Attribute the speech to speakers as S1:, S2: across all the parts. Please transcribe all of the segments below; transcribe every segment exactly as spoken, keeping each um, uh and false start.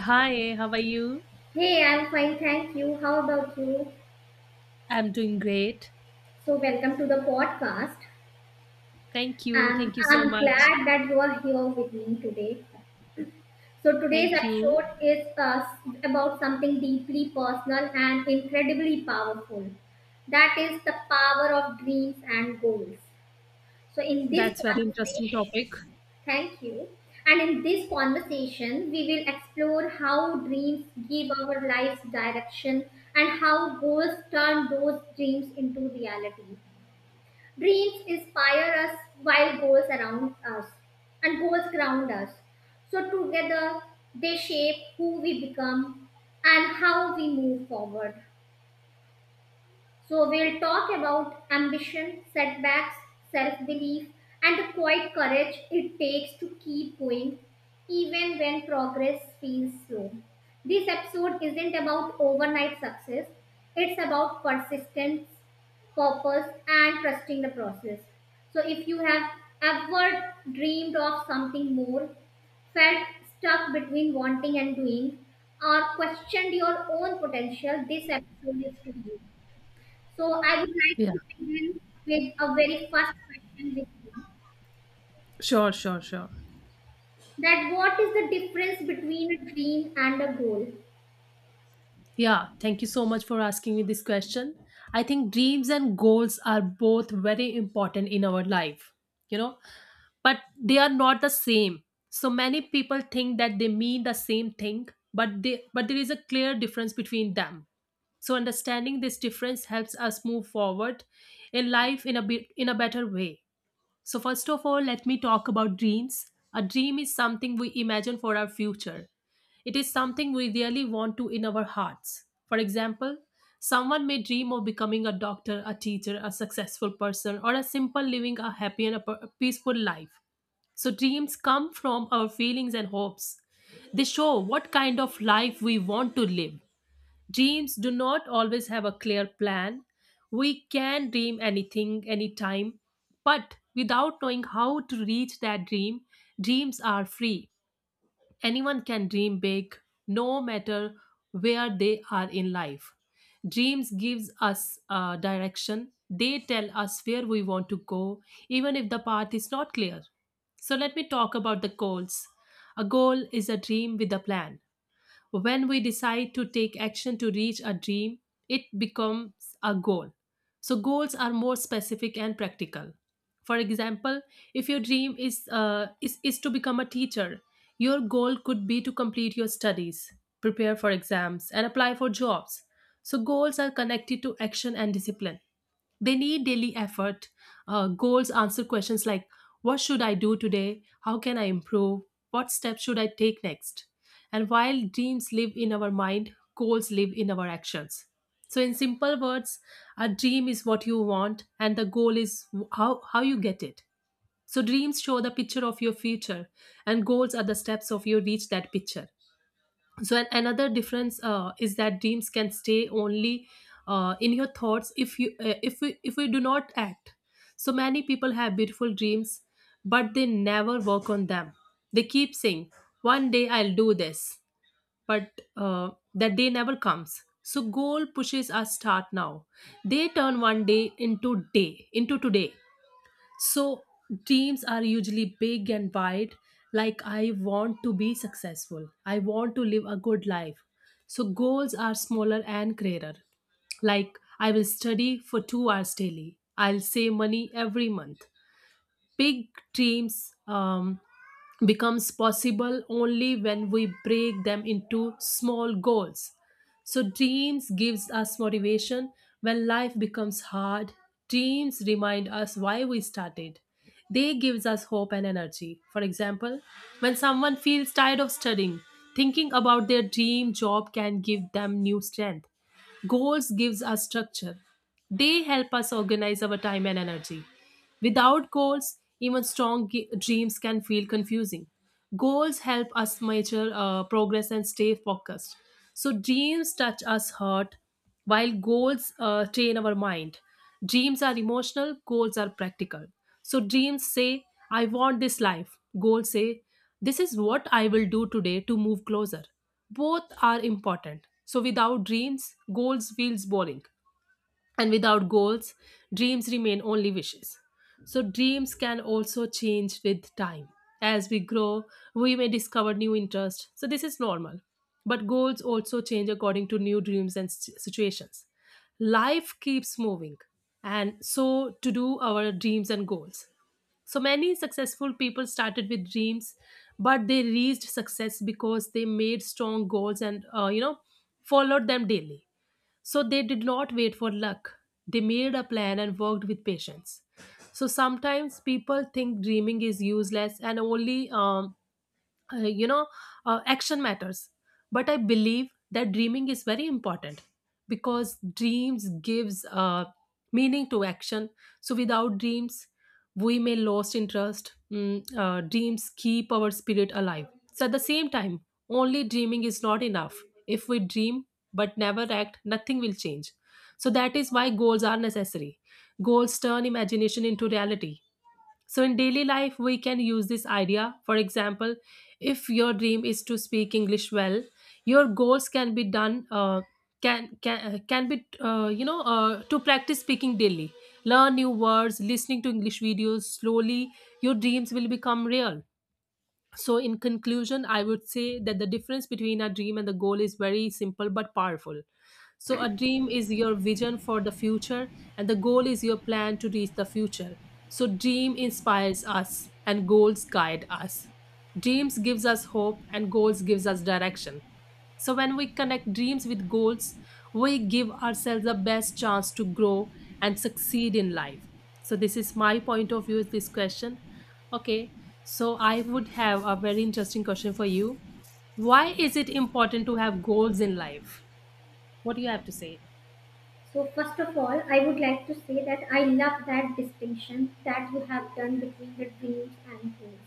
S1: Hi, how are you?
S2: Hey, I'm fine, thank you. How about you?
S1: I'm doing great.
S2: So, welcome to the podcast.
S1: Thank you. Thank
S2: Um,
S1: you so
S2: I'm
S1: much.
S2: glad that you are here with me today. So, today's
S1: Thank you.
S2: episode is uh, about something deeply personal and incredibly powerful. That is the power of dreams and goals. So in this
S1: That's very interesting
S2: conversation,
S1: topic.
S2: thank you. And in this conversation, we will explore how dreams give our lives direction and how goals turn those dreams into reality. Dreams inspire us while goals around us and goals ground us. So together they shape who we become and how we move forward. So, we'll talk about ambition, setbacks, self belief, and the quiet courage it takes to keep going even when progress feels slow. This episode isn't about overnight success, it's about persistence, purpose, and trusting the process. So, if you have ever dreamed of something more, felt stuck between wanting and doing, or questioned your own potential, this episode is for you. So I would like
S1: Yeah.
S2: to begin with a very first question with you.
S1: Sure, sure, sure.
S2: That what is the difference between a dream and a goal?
S1: Yeah, thank you so much for asking me this question. I think dreams and goals are both very important in our life. You know, but they are not the same. So many people think that they mean the same thing, but they but there is a clear difference between them. So understanding this difference helps us move forward in life in a bit in a better way. So first of all, let me talk about dreams. A dream is something we imagine for our future. It is something we really want to in our hearts. For example, someone may dream of becoming a doctor, a teacher, a successful person, or a simple living a happy and a per- peaceful life. So, dreams come from our feelings and hopes. They show what kind of life we want to live. Dreams do not always have a clear plan. We can dream anything, anytime, but without knowing how to reach that dream, dreams are free. Anyone can dream big, no matter where they are in life. Dreams gives us uh, direction. They tell us where we want to go, even if the path is not clear. So let me talk about the goals. A goal is a dream with a plan. When we decide to take action to reach a dream, it becomes a goal. So goals are more specific and practical. For example, if your dream is uh, is, is to become a teacher, your goal could be to complete your studies, prepare for exams, and apply for jobs. So goals are connected to action and discipline. They need daily effort. Uh, goals answer questions like, what should I do today? How can I improve? What steps should I take next? And while dreams live in our mind, goals live in our actions. So, in simple words, a dream is what you want, and the goal is how, how you get it. So, dreams show the picture of your future, and goals are the steps of you reach that picture. So an, another difference uh, is that dreams can stay only uh, in your thoughts if you uh, if we if we do not act. So many people have beautiful dreams, but they never work on them. They keep saying, one day I'll do this, but uh, that day never comes. So goal pushes us start now. They turn one day into day into today. So dreams are usually big and wide, like I want to be successful, I want to live a good life. So goals are smaller and clearer, like I will study for two hours daily, I'll save money every month. Big dreams um, becomes possible only when we break them into small goals. So dreams gives us motivation. When life becomes hard, dreams remind us why we started. They gives us hope and energy. For example, when someone feels tired of studying, thinking about their dream job can give them new strength. Goals gives us structure. They help us organize our time and energy. Without goals, even strong g- dreams can feel confusing. Goals help us measure uh, progress and stay focused. So dreams touch us heart, while goals uh, train our mind. Dreams are emotional, goals are practical. So, dreams say, I want this life. Goals say, this is what I will do today to move closer. Both are important. So, without dreams, goals feels boring. And without goals, dreams remain only wishes. So, dreams can also change with time. As we grow, we may discover new interests. So, this is normal. But goals also change according to new dreams and s- situations. Life keeps moving, and so to do our dreams and goals. So many successful people started with dreams, but they reached success because they made strong goals and uh, you know followed them daily. So they did not wait for luck. They made a plan and worked with patience. So sometimes people think dreaming is useless and only um, uh, you know uh, action matters. But I believe that dreaming is very important, because dreams gives uh, meaning to action. So without dreams, we may lost interest. Mm, uh, dreams keep our spirit alive. So at the same time, only dreaming is not enough. If we dream but never act, nothing will change. So that is why goals are necessary. Goals turn imagination into reality. So, in daily life, we can use this idea. For example, if your dream is to speak English well, your goals can be done. Uh, can can uh, can be uh, you know uh, To practice speaking daily, learn new words, listening to English videos slowly, your dreams will become real. So, in conclusion, I would say that the difference between a dream and the goal is very simple but powerful. So, a dream is your vision for the future, and the goal is your plan to reach the future. So, dream inspires us, and goals guide us. Dreams gives us hope, and goals gives us direction. So, when we connect dreams with goals, we give ourselves the best chance to grow and succeed in life. So, this is my point of view with this question. Okay, so I would have a very interesting question for you. Why is it important to have goals in life? What do you have to say?
S2: So first of all, I would like to say that I love that distinction that you have done between the dreams and goals.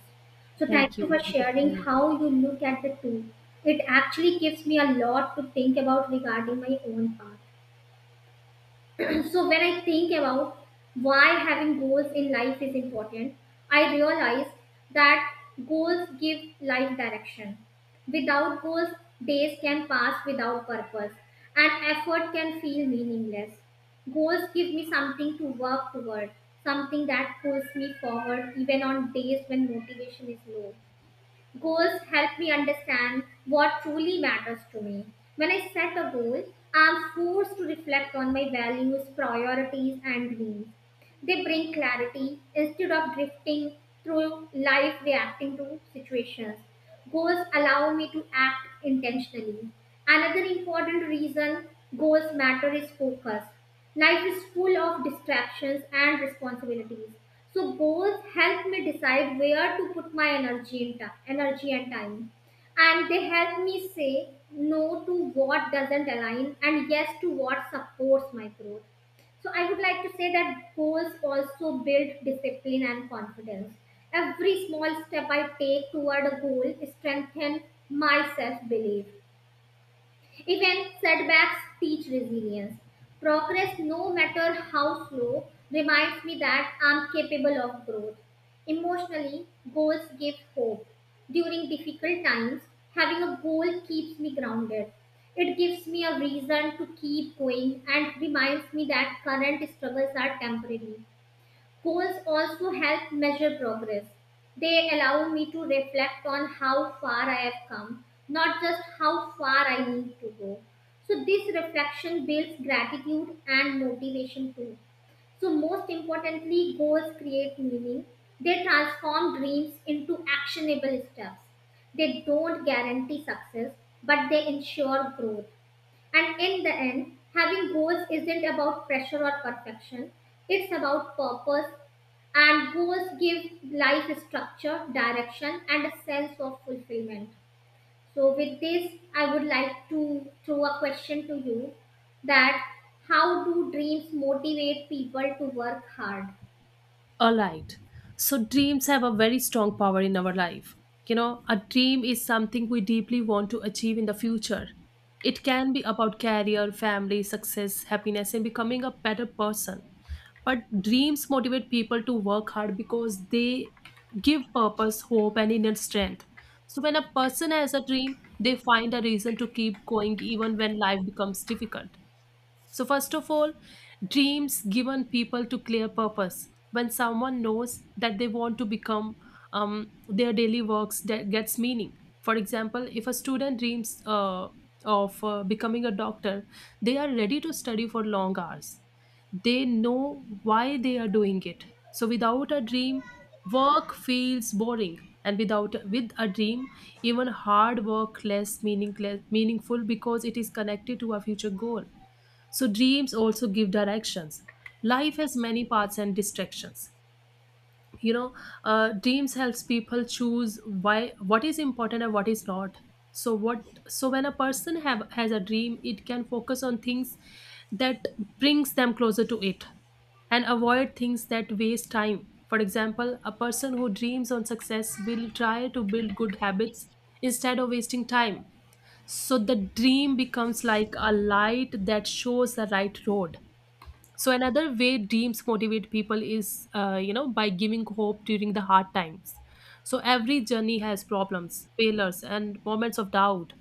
S2: So
S1: Thank
S2: thank you
S1: you.
S2: for
S1: Thank you so
S2: sharing how
S1: much.
S2: you look at the two. It actually gives me a lot to think about regarding my own path. So when I think about why having goals in life is important, I realize that goals give life direction. Without goals, days can pass without purpose and effort can feel meaningless. Goals give me something to work toward, something that pulls me forward even on days when motivation is low. Goals help me understand what truly matters to me. When I set a goal, I'm forced to reflect on my values, priorities, and dreams. They bring clarity instead of drifting through life reacting to situations. Goals allow me to act intentionally. Another important reason goals matter is focus. Life is full of distractions and responsibilities. So goals help me decide where to put my energy and ti- energy and time. And they help me say no to what doesn't align and yes to what supports my growth. So I would like to say that goals also build discipline and confidence. Every small step I take toward a goal strengthens my self belief. Even setbacks teach resilience. Progress, no matter how slow, reminds me that I'm capable of growth. Emotionally, goals give hope. During difficult times, having a goal keeps me grounded. It gives me a reason to keep going and reminds me that current struggles are temporary. Goals also help measure progress. They allow me to reflect on how far I have come, not just how far I need to go. So, this reflection builds gratitude and motivation too. So, most importantly, goals create meaning. They transform dreams into actionable steps. They don't guarantee success, but they ensure growth. And in the end, having goals isn't about pressure or perfection, it's about purpose. And goals give life structure, direction, and a sense of fulfillment. So, with this, I would like to throw a question to you that how do dreams motivate people to work hard?
S1: All right. So dreams have a very strong power in our life. You know, a dream is something we deeply want to achieve in the future. It can be about career, family, success, happiness, and becoming a better person. But dreams motivate people to work hard because they give purpose, hope, and inner strength. So when a person has a dream, they find a reason to keep going even when life becomes difficult. So, first of all, dreams given people to clear purpose. When someone knows that they want to become, um, their daily works that gets meaning. For example, if a student dreams uh, of uh, becoming a doctor, they are ready to study for long hours. They know why they are doing it. So, without a dream, work feels boring, and without with a dream, even hard work less meaningless, meaningful, because it is connected to a future goal. So dreams also give directions. Life has many paths and distractions. You know, uh, dreams helps people choose why what is important and what is not. So what so when a person have has a dream, it can focus on things that brings them closer to it and avoid things that waste time. For example, a person who dreams on success will try to build good habits instead of wasting time. So the dream becomes like a light that shows the right road. So another way dreams motivate people is, uh, you know, by giving hope during the hard times. So every journey has problems, failures, and moments of doubt.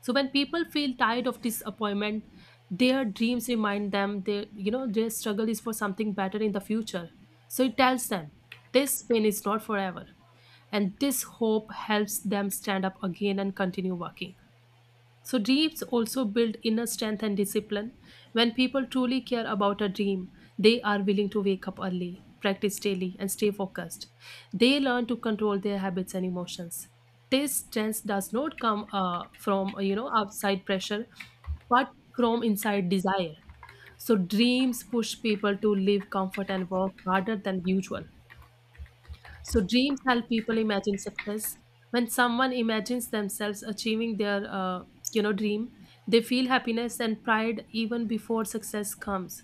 S1: So when people feel tired of disappointment, their dreams remind them their, you know, their struggle is for something better in the future. So it tells them this pain is not forever, and this hope helps them stand up again and continue working. So, dreams also build inner strength and discipline. When people truly care about a dream, they are willing to wake up early, practice daily, and stay focused. They learn to control their habits and emotions. This strength does not come uh, from uh, you know outside pressure, but from inside desire. So, dreams push people to live comfort and work harder than usual. So dreams help people imagine success. When someone imagines themselves achieving their uh, you know dream, they feel happiness and pride even before success comes.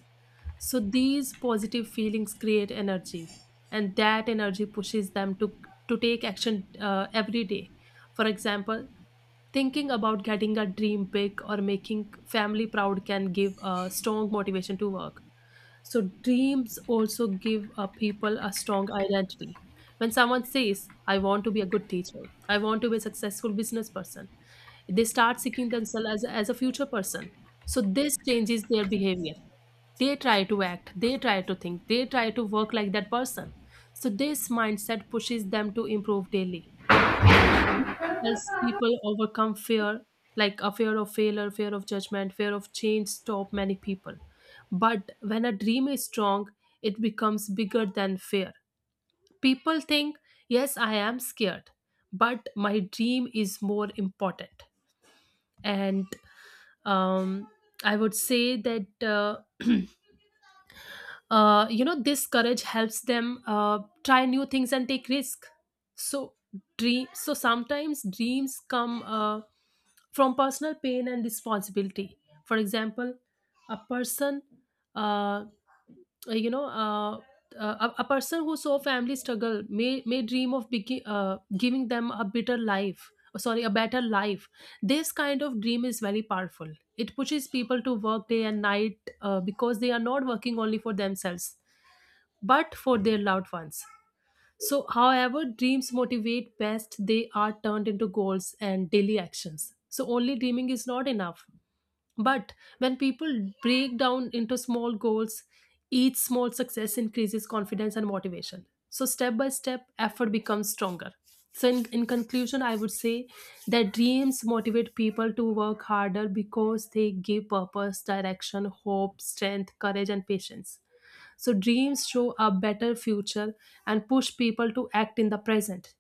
S1: So these positive feelings create energy, and that energy pushes them to to take action uh, every day. For example, thinking about getting a dream big or making family proud can give a strong motivation to work. So dreams also give uh, people a strong identity. When someone says, I want to be a good teacher, I want to be a successful business person, they start seeking themselves as, as a future person. So this changes their behavior. They try to act, they try to think, they try to work like that person. So this mindset pushes them to improve daily, helps people overcome fear. Like a fear of failure, fear of judgment, fear of change stop many people, but when a dream is strong, it becomes bigger than fear. People think, yes, I am scared, but my dream is more important. And um, I would say that uh, uh, you know this courage helps them uh, try new things and take risk. So dream so sometimes dreams come uh, from personal pain and responsibility. For example, a person, uh, you know uh, uh, a, a person who saw family struggle may may dream of begi- uh, giving them a better life, sorry, a better life. This kind of dream is very powerful. It pushes people to work day and night uh, because they are not working only for themselves, but for their loved ones. So, however, dreams motivate best, they are turned into goals and daily actions. So, only dreaming is not enough. But when people break down into small goals, each small success increases confidence and motivation. So, step by step, effort becomes stronger. So, in, in conclusion, I would say that dreams motivate people to work harder because they give purpose, direction, hope, strength, courage, and patience. So dreams show a better future and push people to act in the present.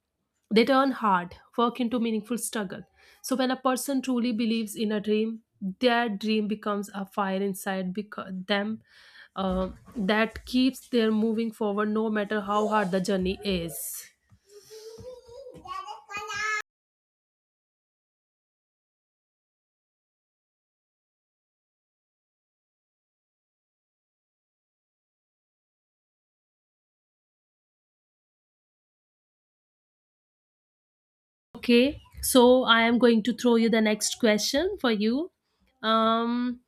S1: They turn hard work into meaningful struggle. So when a person truly believes in a dream, their dream becomes a fire inside because them, uh, that keeps them moving forward no matter how hard the journey is. Okay, so I am going to throw you the next question for you. Um,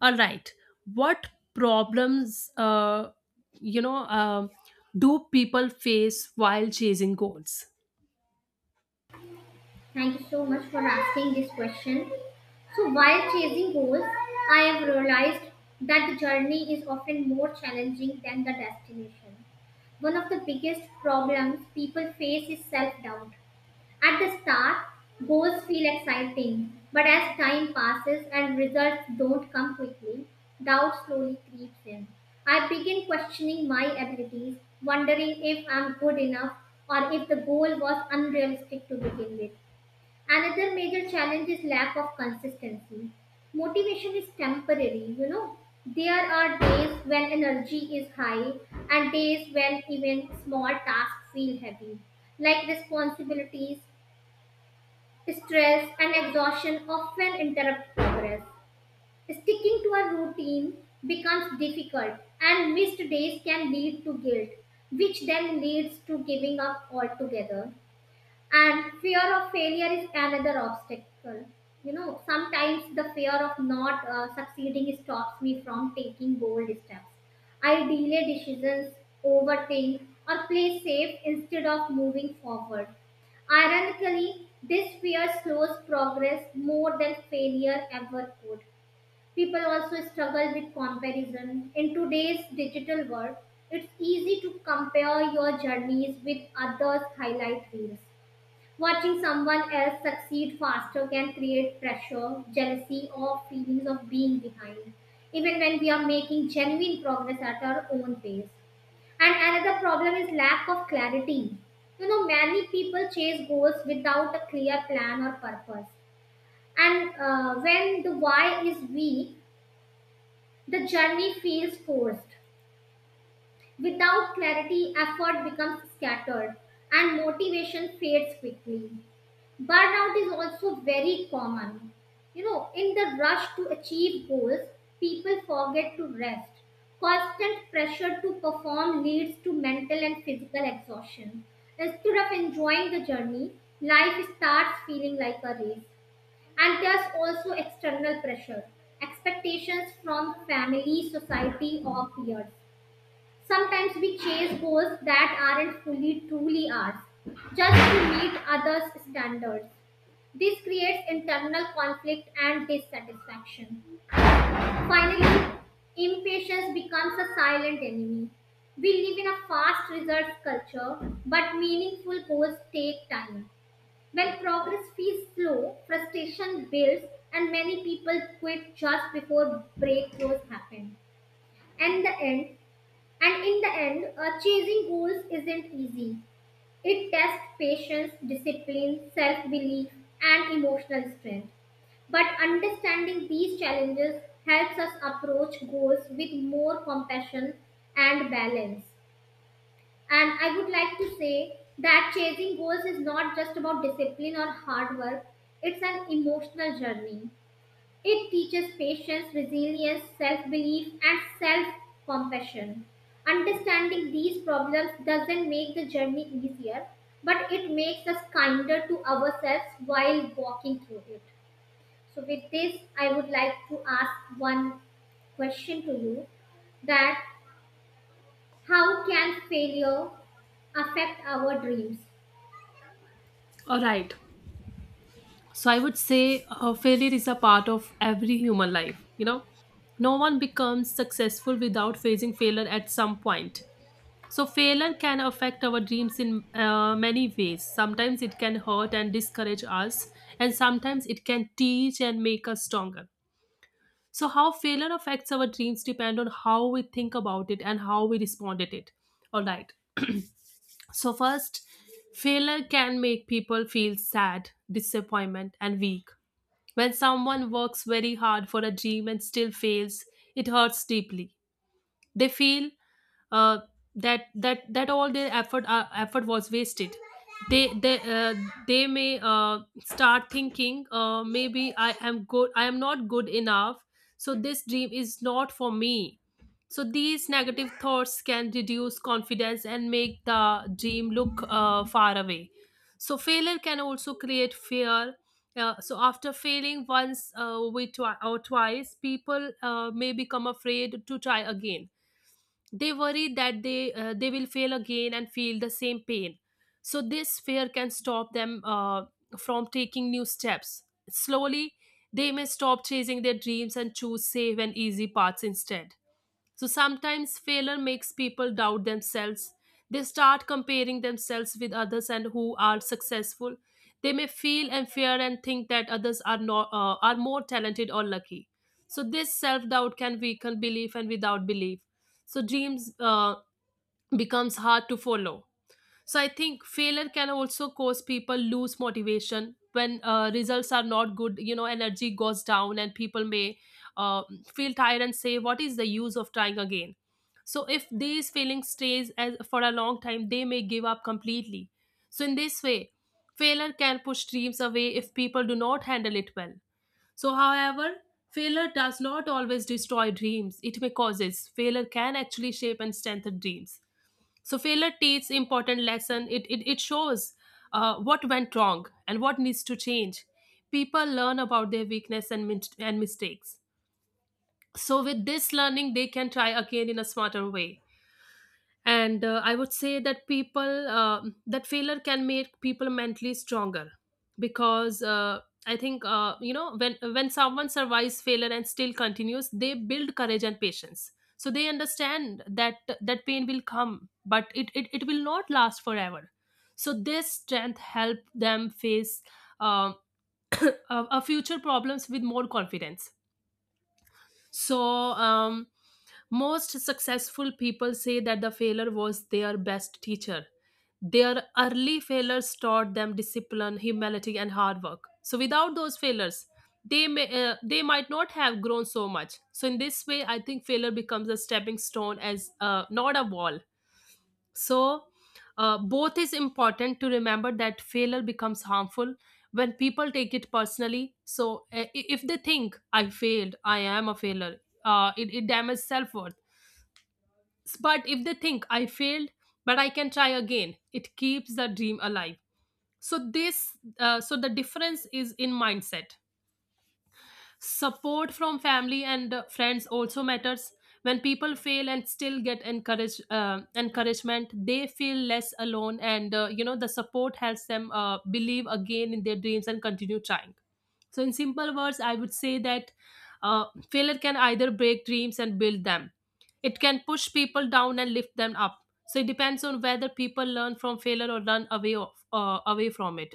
S1: all right, what problems uh, you know um do people face while chasing goals?
S2: Thank you so much for asking this question. So, while chasing goals, I have realized that the journey is often more challenging than the destination. One of the biggest problems people face is self doubt. At the start, goals feel exciting, but as time passes and results don't come quickly, doubt slowly creeps in. I begin questioning my abilities, wondering if I'm good enough or if the goal was unrealistic to begin with. Another major challenge is lack of consistency. Motivation is temporary, you know. There are days when energy is high and days when even small tasks feel heavy, like responsibilities, stress, and exhaustion often interrupt progress. Sticking to a routine becomes difficult, and missed days can lead to guilt, which then leads to giving up altogether. And fear of failure is another obstacle. You know, sometimes the fear of not uh, succeeding stops me from taking bold steps. I delay decisions, overthink, or play safe instead of moving forward. Ironically, this fear slows progress more than failure ever could. People also struggle with comparison. In today's digital world, it's easy to compare your journeys with others' highlight reels. Watching someone else succeed faster can create pressure, jealousy, or feelings of being behind, even when we are making genuine progress at our own pace. And another problem is lack of clarity. You know, many people chase goals without a clear plan or purpose. And uh, when the why is weak, the journey feels forced. Without clarity, effort becomes scattered and motivation fades quickly. Burnout is also very common. You know, in the rush to achieve goals, people forget to rest. Constant pressure to perform leads to mental and physical exhaustion. Instead of enjoying the journey, life starts feeling like a race. And there's also external pressure, expectations from family, society, or peers. Sometimes we chase goals that aren't fully truly ours, just to meet others' standards. This creates internal conflict and dissatisfaction. Finally, impatience becomes a silent enemy. We live in a fast results culture, but meaningful goals take time. When progress feels slow, frustration builds, and many people quit just before breakthroughs happen. And the end, and in the end, uh, chasing goals isn't easy. It tests patience, discipline, self belief, and emotional strength. But understanding these challenges helps us approach goals with more compassion and balance. And I would like to say that chasing goals is not just about discipline or hard work, it's an emotional journey. It teaches patience, resilience, self belief, and self compassion. Understanding these problems doesn't make the journey easier, but it makes us kinder to ourselves while walking through it. So, with this, I would like to ask one question to you that how can failure affect our dreams?
S1: All right, so I would say uh, failure is a part of every human life, you know. No one becomes successful without facing failure at some point. So failure can affect our dreams in uh, many ways. Sometimes it can hurt and discourage us, and sometimes it can teach and make us stronger. So, how failure affects our dreams depend on how we think about it and how we respond at it. All right. So, first, failure can make people feel sad, disappointment, and weak. When someone works very hard for a dream and still fails, it hurts deeply. They feel, uh, that that that all their effort, uh, effort was wasted. They they uh, they may uh, start thinking, uh, maybe I am good, I am not good enough, so this dream is not for me. So these negative thoughts can reduce confidence and make the dream look uh, far away. So failure can also create fear. Uh, so after failing once uh, we twi- or twice, people uh, may become afraid to try again. They worry that they uh, they will fail again and feel the same pain. So this fear can stop them uh, from taking new steps. Slowly, they may stop chasing their dreams and choose safe and easy paths instead. So sometimes failure makes people doubt themselves. They start comparing themselves with others and who are successful. They may feel and fear and think that others are not uh, are more talented or lucky. So this self doubt can weaken belief, and without belief, so dreams uh, becomes hard to follow. So I think failure can also cause people lose motivation when uh, results are not good. You know, energy goes down, and people may uh, feel tired and say, "What is the use of trying again?" So if these feelings stays as for a long time, they may give up completely. So in this way, failure can push dreams away if people do not handle it well. So, however, failure does not always destroy dreams; it may causes. Failure can actually shape and strengthen dreams. So failure teaches important lesson. It, it, it shows uh, what went wrong and what needs to change. People learn about their weakness and, min- and mistakes. So with this learning, they can try again in a smarter way. And uh, I would say that people um that failure can make people mentally stronger, because uh, I think uh, you know when when someone survives failure and still continues, they build courage and patience. So they understand that that pain will come, but it it, it will not last forever. So this strength help them face um, a, a future problems with more confidence. so um, Most successful people say that the failure was their best teacher. Their early failures taught them discipline, humility, and hard work. So without those failures, they may uh, they might not have grown so much. So in this way, I think failure becomes a stepping stone, as uh, not a wall. So uh, both is important to remember that failure becomes harmful when people take it personally. So uh, i- if they think I failed, I am a failure. Uh, it, it damages self worth. But if they think I failed, but I can try again, it keeps the dream alive. So this uh, so the difference is in mindset. Support from family and uh, friends also matters. When people fail and still get encourage, uh, encouragement, they feel less alone, and uh, you know the support helps them uh, believe again in their dreams and continue trying. So in simple words, I would say that uh, failure can either break dreams and build them. It can push people down and lift them up. So it depends on whether people learn from failure or run away of, uh, away from it.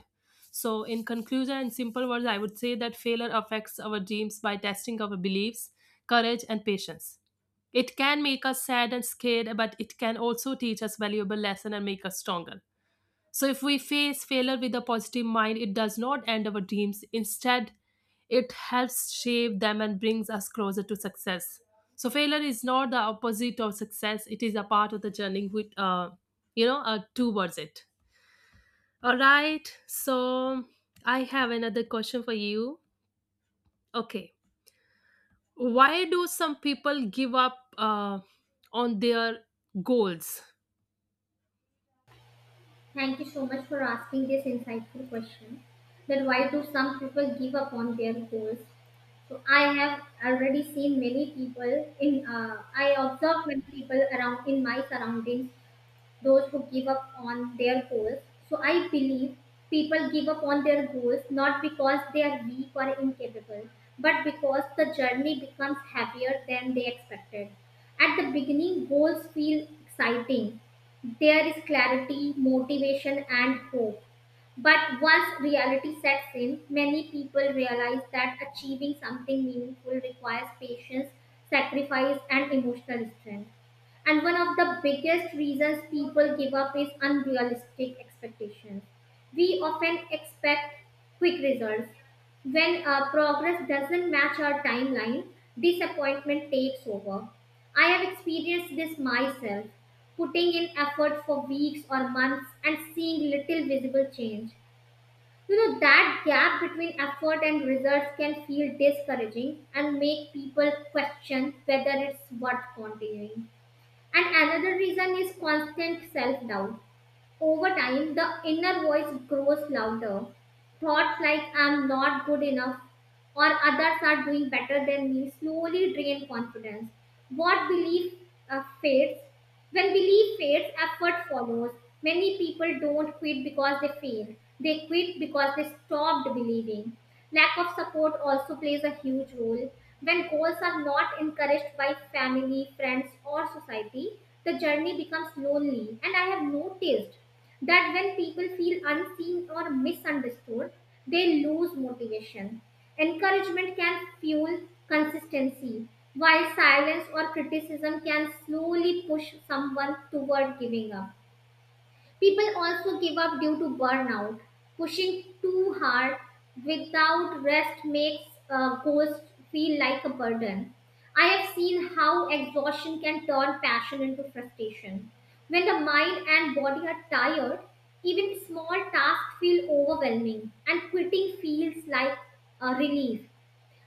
S1: So, in conclusion, in simple words, I would say that failure affects our dreams by testing our beliefs, courage, and patience. It can make us sad and scared, but it can also teach us valuable lesson and make us stronger. So, if we face failure with a positive mind, it does not end our dreams. Instead, it helps shape them and brings us closer to success. So, failure is not the opposite of success; it is a part of the journey with, uh, you know, uh, towards it. All right, so I have another question for you. Okay, why do some people give up uh, on their goals?
S2: Thank you so much for asking this insightful question. That why do some people give up on their goals? So I have already seen many people in. Uh, I observe many people around in my surroundings, those who give up on their goals. So I believe people give up on their goals not because they are weak or incapable, but because the journey becomes heavier than they expected. At the beginning, goals feel exciting. There is clarity, motivation, and hope, but once reality sets in, many people realize that achieving something meaningful requires patience, sacrifice, and emotional strength. And one of the biggest reasons people give up is unrealistic expectations. We often expect quick results. When uh, progress doesn't match our timeline, disappointment takes over. I have experienced this myself, putting in effort for weeks or months and seeing little visible change. You know, that gap between effort and results can feel discouraging and make people question whether it's worth continuing. And another reason is constant self doubt. Over time, the inner voice grows louder. Thoughts like, "I'm not good enough," or "others are doing better than me" slowly drain confidence. What belief uh, fades? When belief fades, effort follows. Many people don't quit because they fail. They quit because they stopped believing. Lack of support also plays a huge role. When goals are not encouraged by family, friends, or society, the journey becomes lonely. And I have noticed that when people feel unseen or misunderstood, they lose motivation. Encouragement can fuel consistency, while silence or criticism can slowly push someone toward giving up. People also give up due to burnout. Pushing too hard without rest makes uh, goals feel like a burden. I have seen how exhaustion can turn passion into frustration. When the mind and body are tired, even small tasks feel overwhelming, and quitting feels like a relief.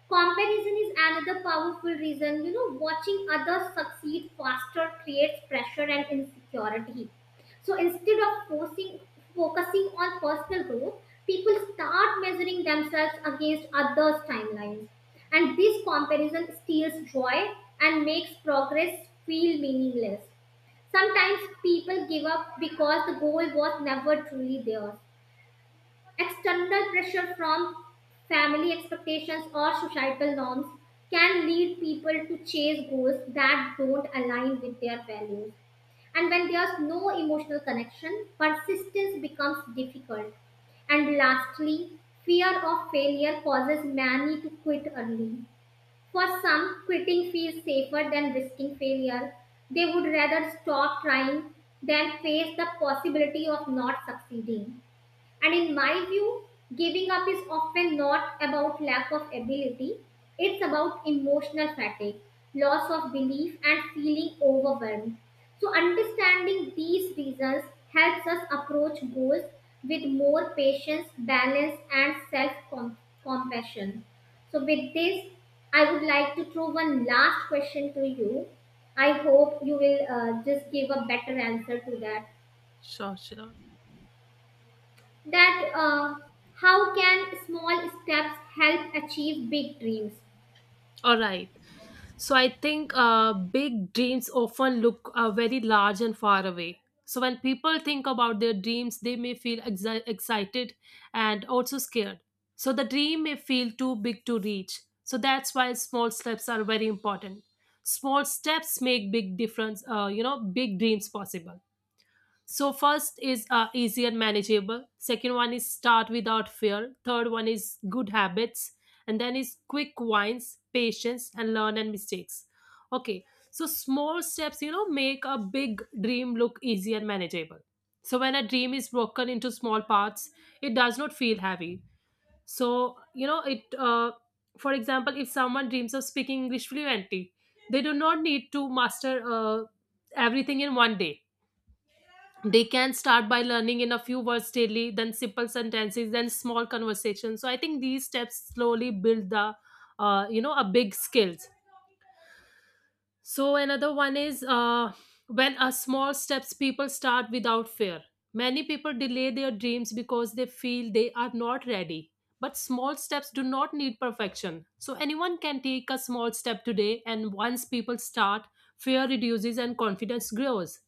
S2: Comparison is another powerful reason. You know, watching others succeed faster creates pressure and insecurity. So instead of forcing, Focusing on personal growth, people start measuring themselves against others' timelines. And this comparison steals joy and makes progress feel meaningless. Sometimes people give up because the goal was never truly theirs. External pressure from family expectations or societal norms can lead people to chase goals that don't align with their values. And when there's no emotional connection, persistence becomes difficult. And lastly, fear of failure causes many to quit early. For some, quitting feels safer than risking failure. They would rather stop trying than face the possibility of not succeeding. And in my view, giving up is often not about lack of ability, it's about emotional fatigue, loss of belief, and feeling overwhelmed. So, understanding these reasons helps us approach goals with more patience, balance, and self compassion. So, with this, I would like to throw one last question to you. I hope you will uh, just give a better answer to that.
S1: Sure, sure.
S2: that uh, how can small steps help achieve big dreams?
S1: All right. So I think uh, big dreams often look uh, very large and far away. So when people think about their dreams, they may feel exi- excited and also scared. So the dream may feel too big to reach. So that's why small steps are very important. Small steps make big difference. Uh, you know, big dreams possible. So first is uh, easy and manageable, second one is start without fear, third one is good habits, and then is quick wins, patience, and learn and mistakes. Okay, so small steps, you know, make a big dream look easy and manageable. So when a dream is broken into small parts, it does not feel heavy. So you know it uh, For example, if someone dreams of speaking English fluently, they do not need to master uh, everything in one day. They can start by learning in a few words daily, then simple sentences, then small conversations. So I think these steps slowly build the, uh, you know a big skills. So another one is uh, when a small steps, people start without fear. Many people delay their dreams because they feel they are not ready, but small steps do not need perfection. So anyone can take a small step today, and once people start, fear reduces and confidence grows.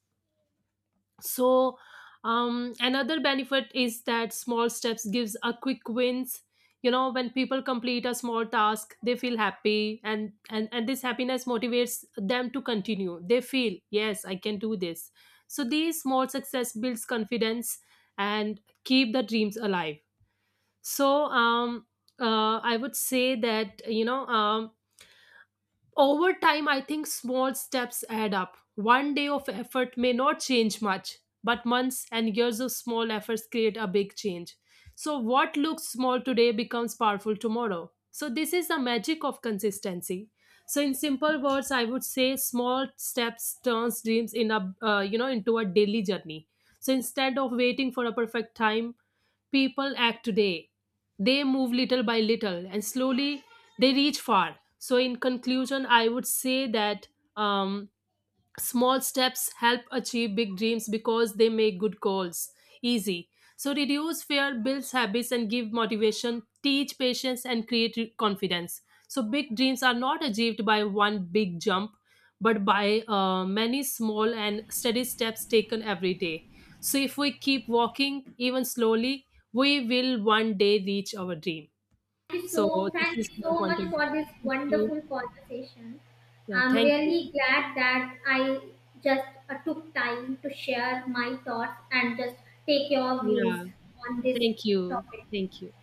S1: so um, Another benefit is that small steps gives a quick wins. You know, when people complete a small task, they feel happy, and and and this happiness motivates them to continue. They feel, yes, I can do this. So these small success builds confidence and keep the dreams alive. so um uh, I would say that, you know um over time, I think small steps add up. One day of effort may not change much, but months and years of small efforts create a big change. So, what looks small today becomes powerful tomorrow. So, this is the magic of consistency. So, in simple words, I would say small steps turns dreams in a, uh, you know into a daily journey. So, instead of waiting for a perfect time, people act today. They move little by little, and slowly they reach far. So, in conclusion, I would say that, um, small steps help achieve big dreams because they make good goals easy, so reduce fear, builds habits, and give motivation, teach patience, and create re- confidence. So big dreams are not achieved by one big jump, but by uh, many small and steady steps taken every day. So if we keep walking, even slowly, we will one day reach our dream.
S2: Thank you
S1: So
S2: so
S1: this
S2: thank
S1: is
S2: you
S1: my
S2: so
S1: point
S2: much
S1: of view.
S2: for this
S1: Thank you.
S2: wonderful conversation.
S1: Yeah,
S2: I'm
S1: thank you.
S2: really glad that I just uh, took time to share my thoughts and just take your views
S1: Yeah,
S2: on this
S1: thank you.
S2: topic.
S1: Thank you.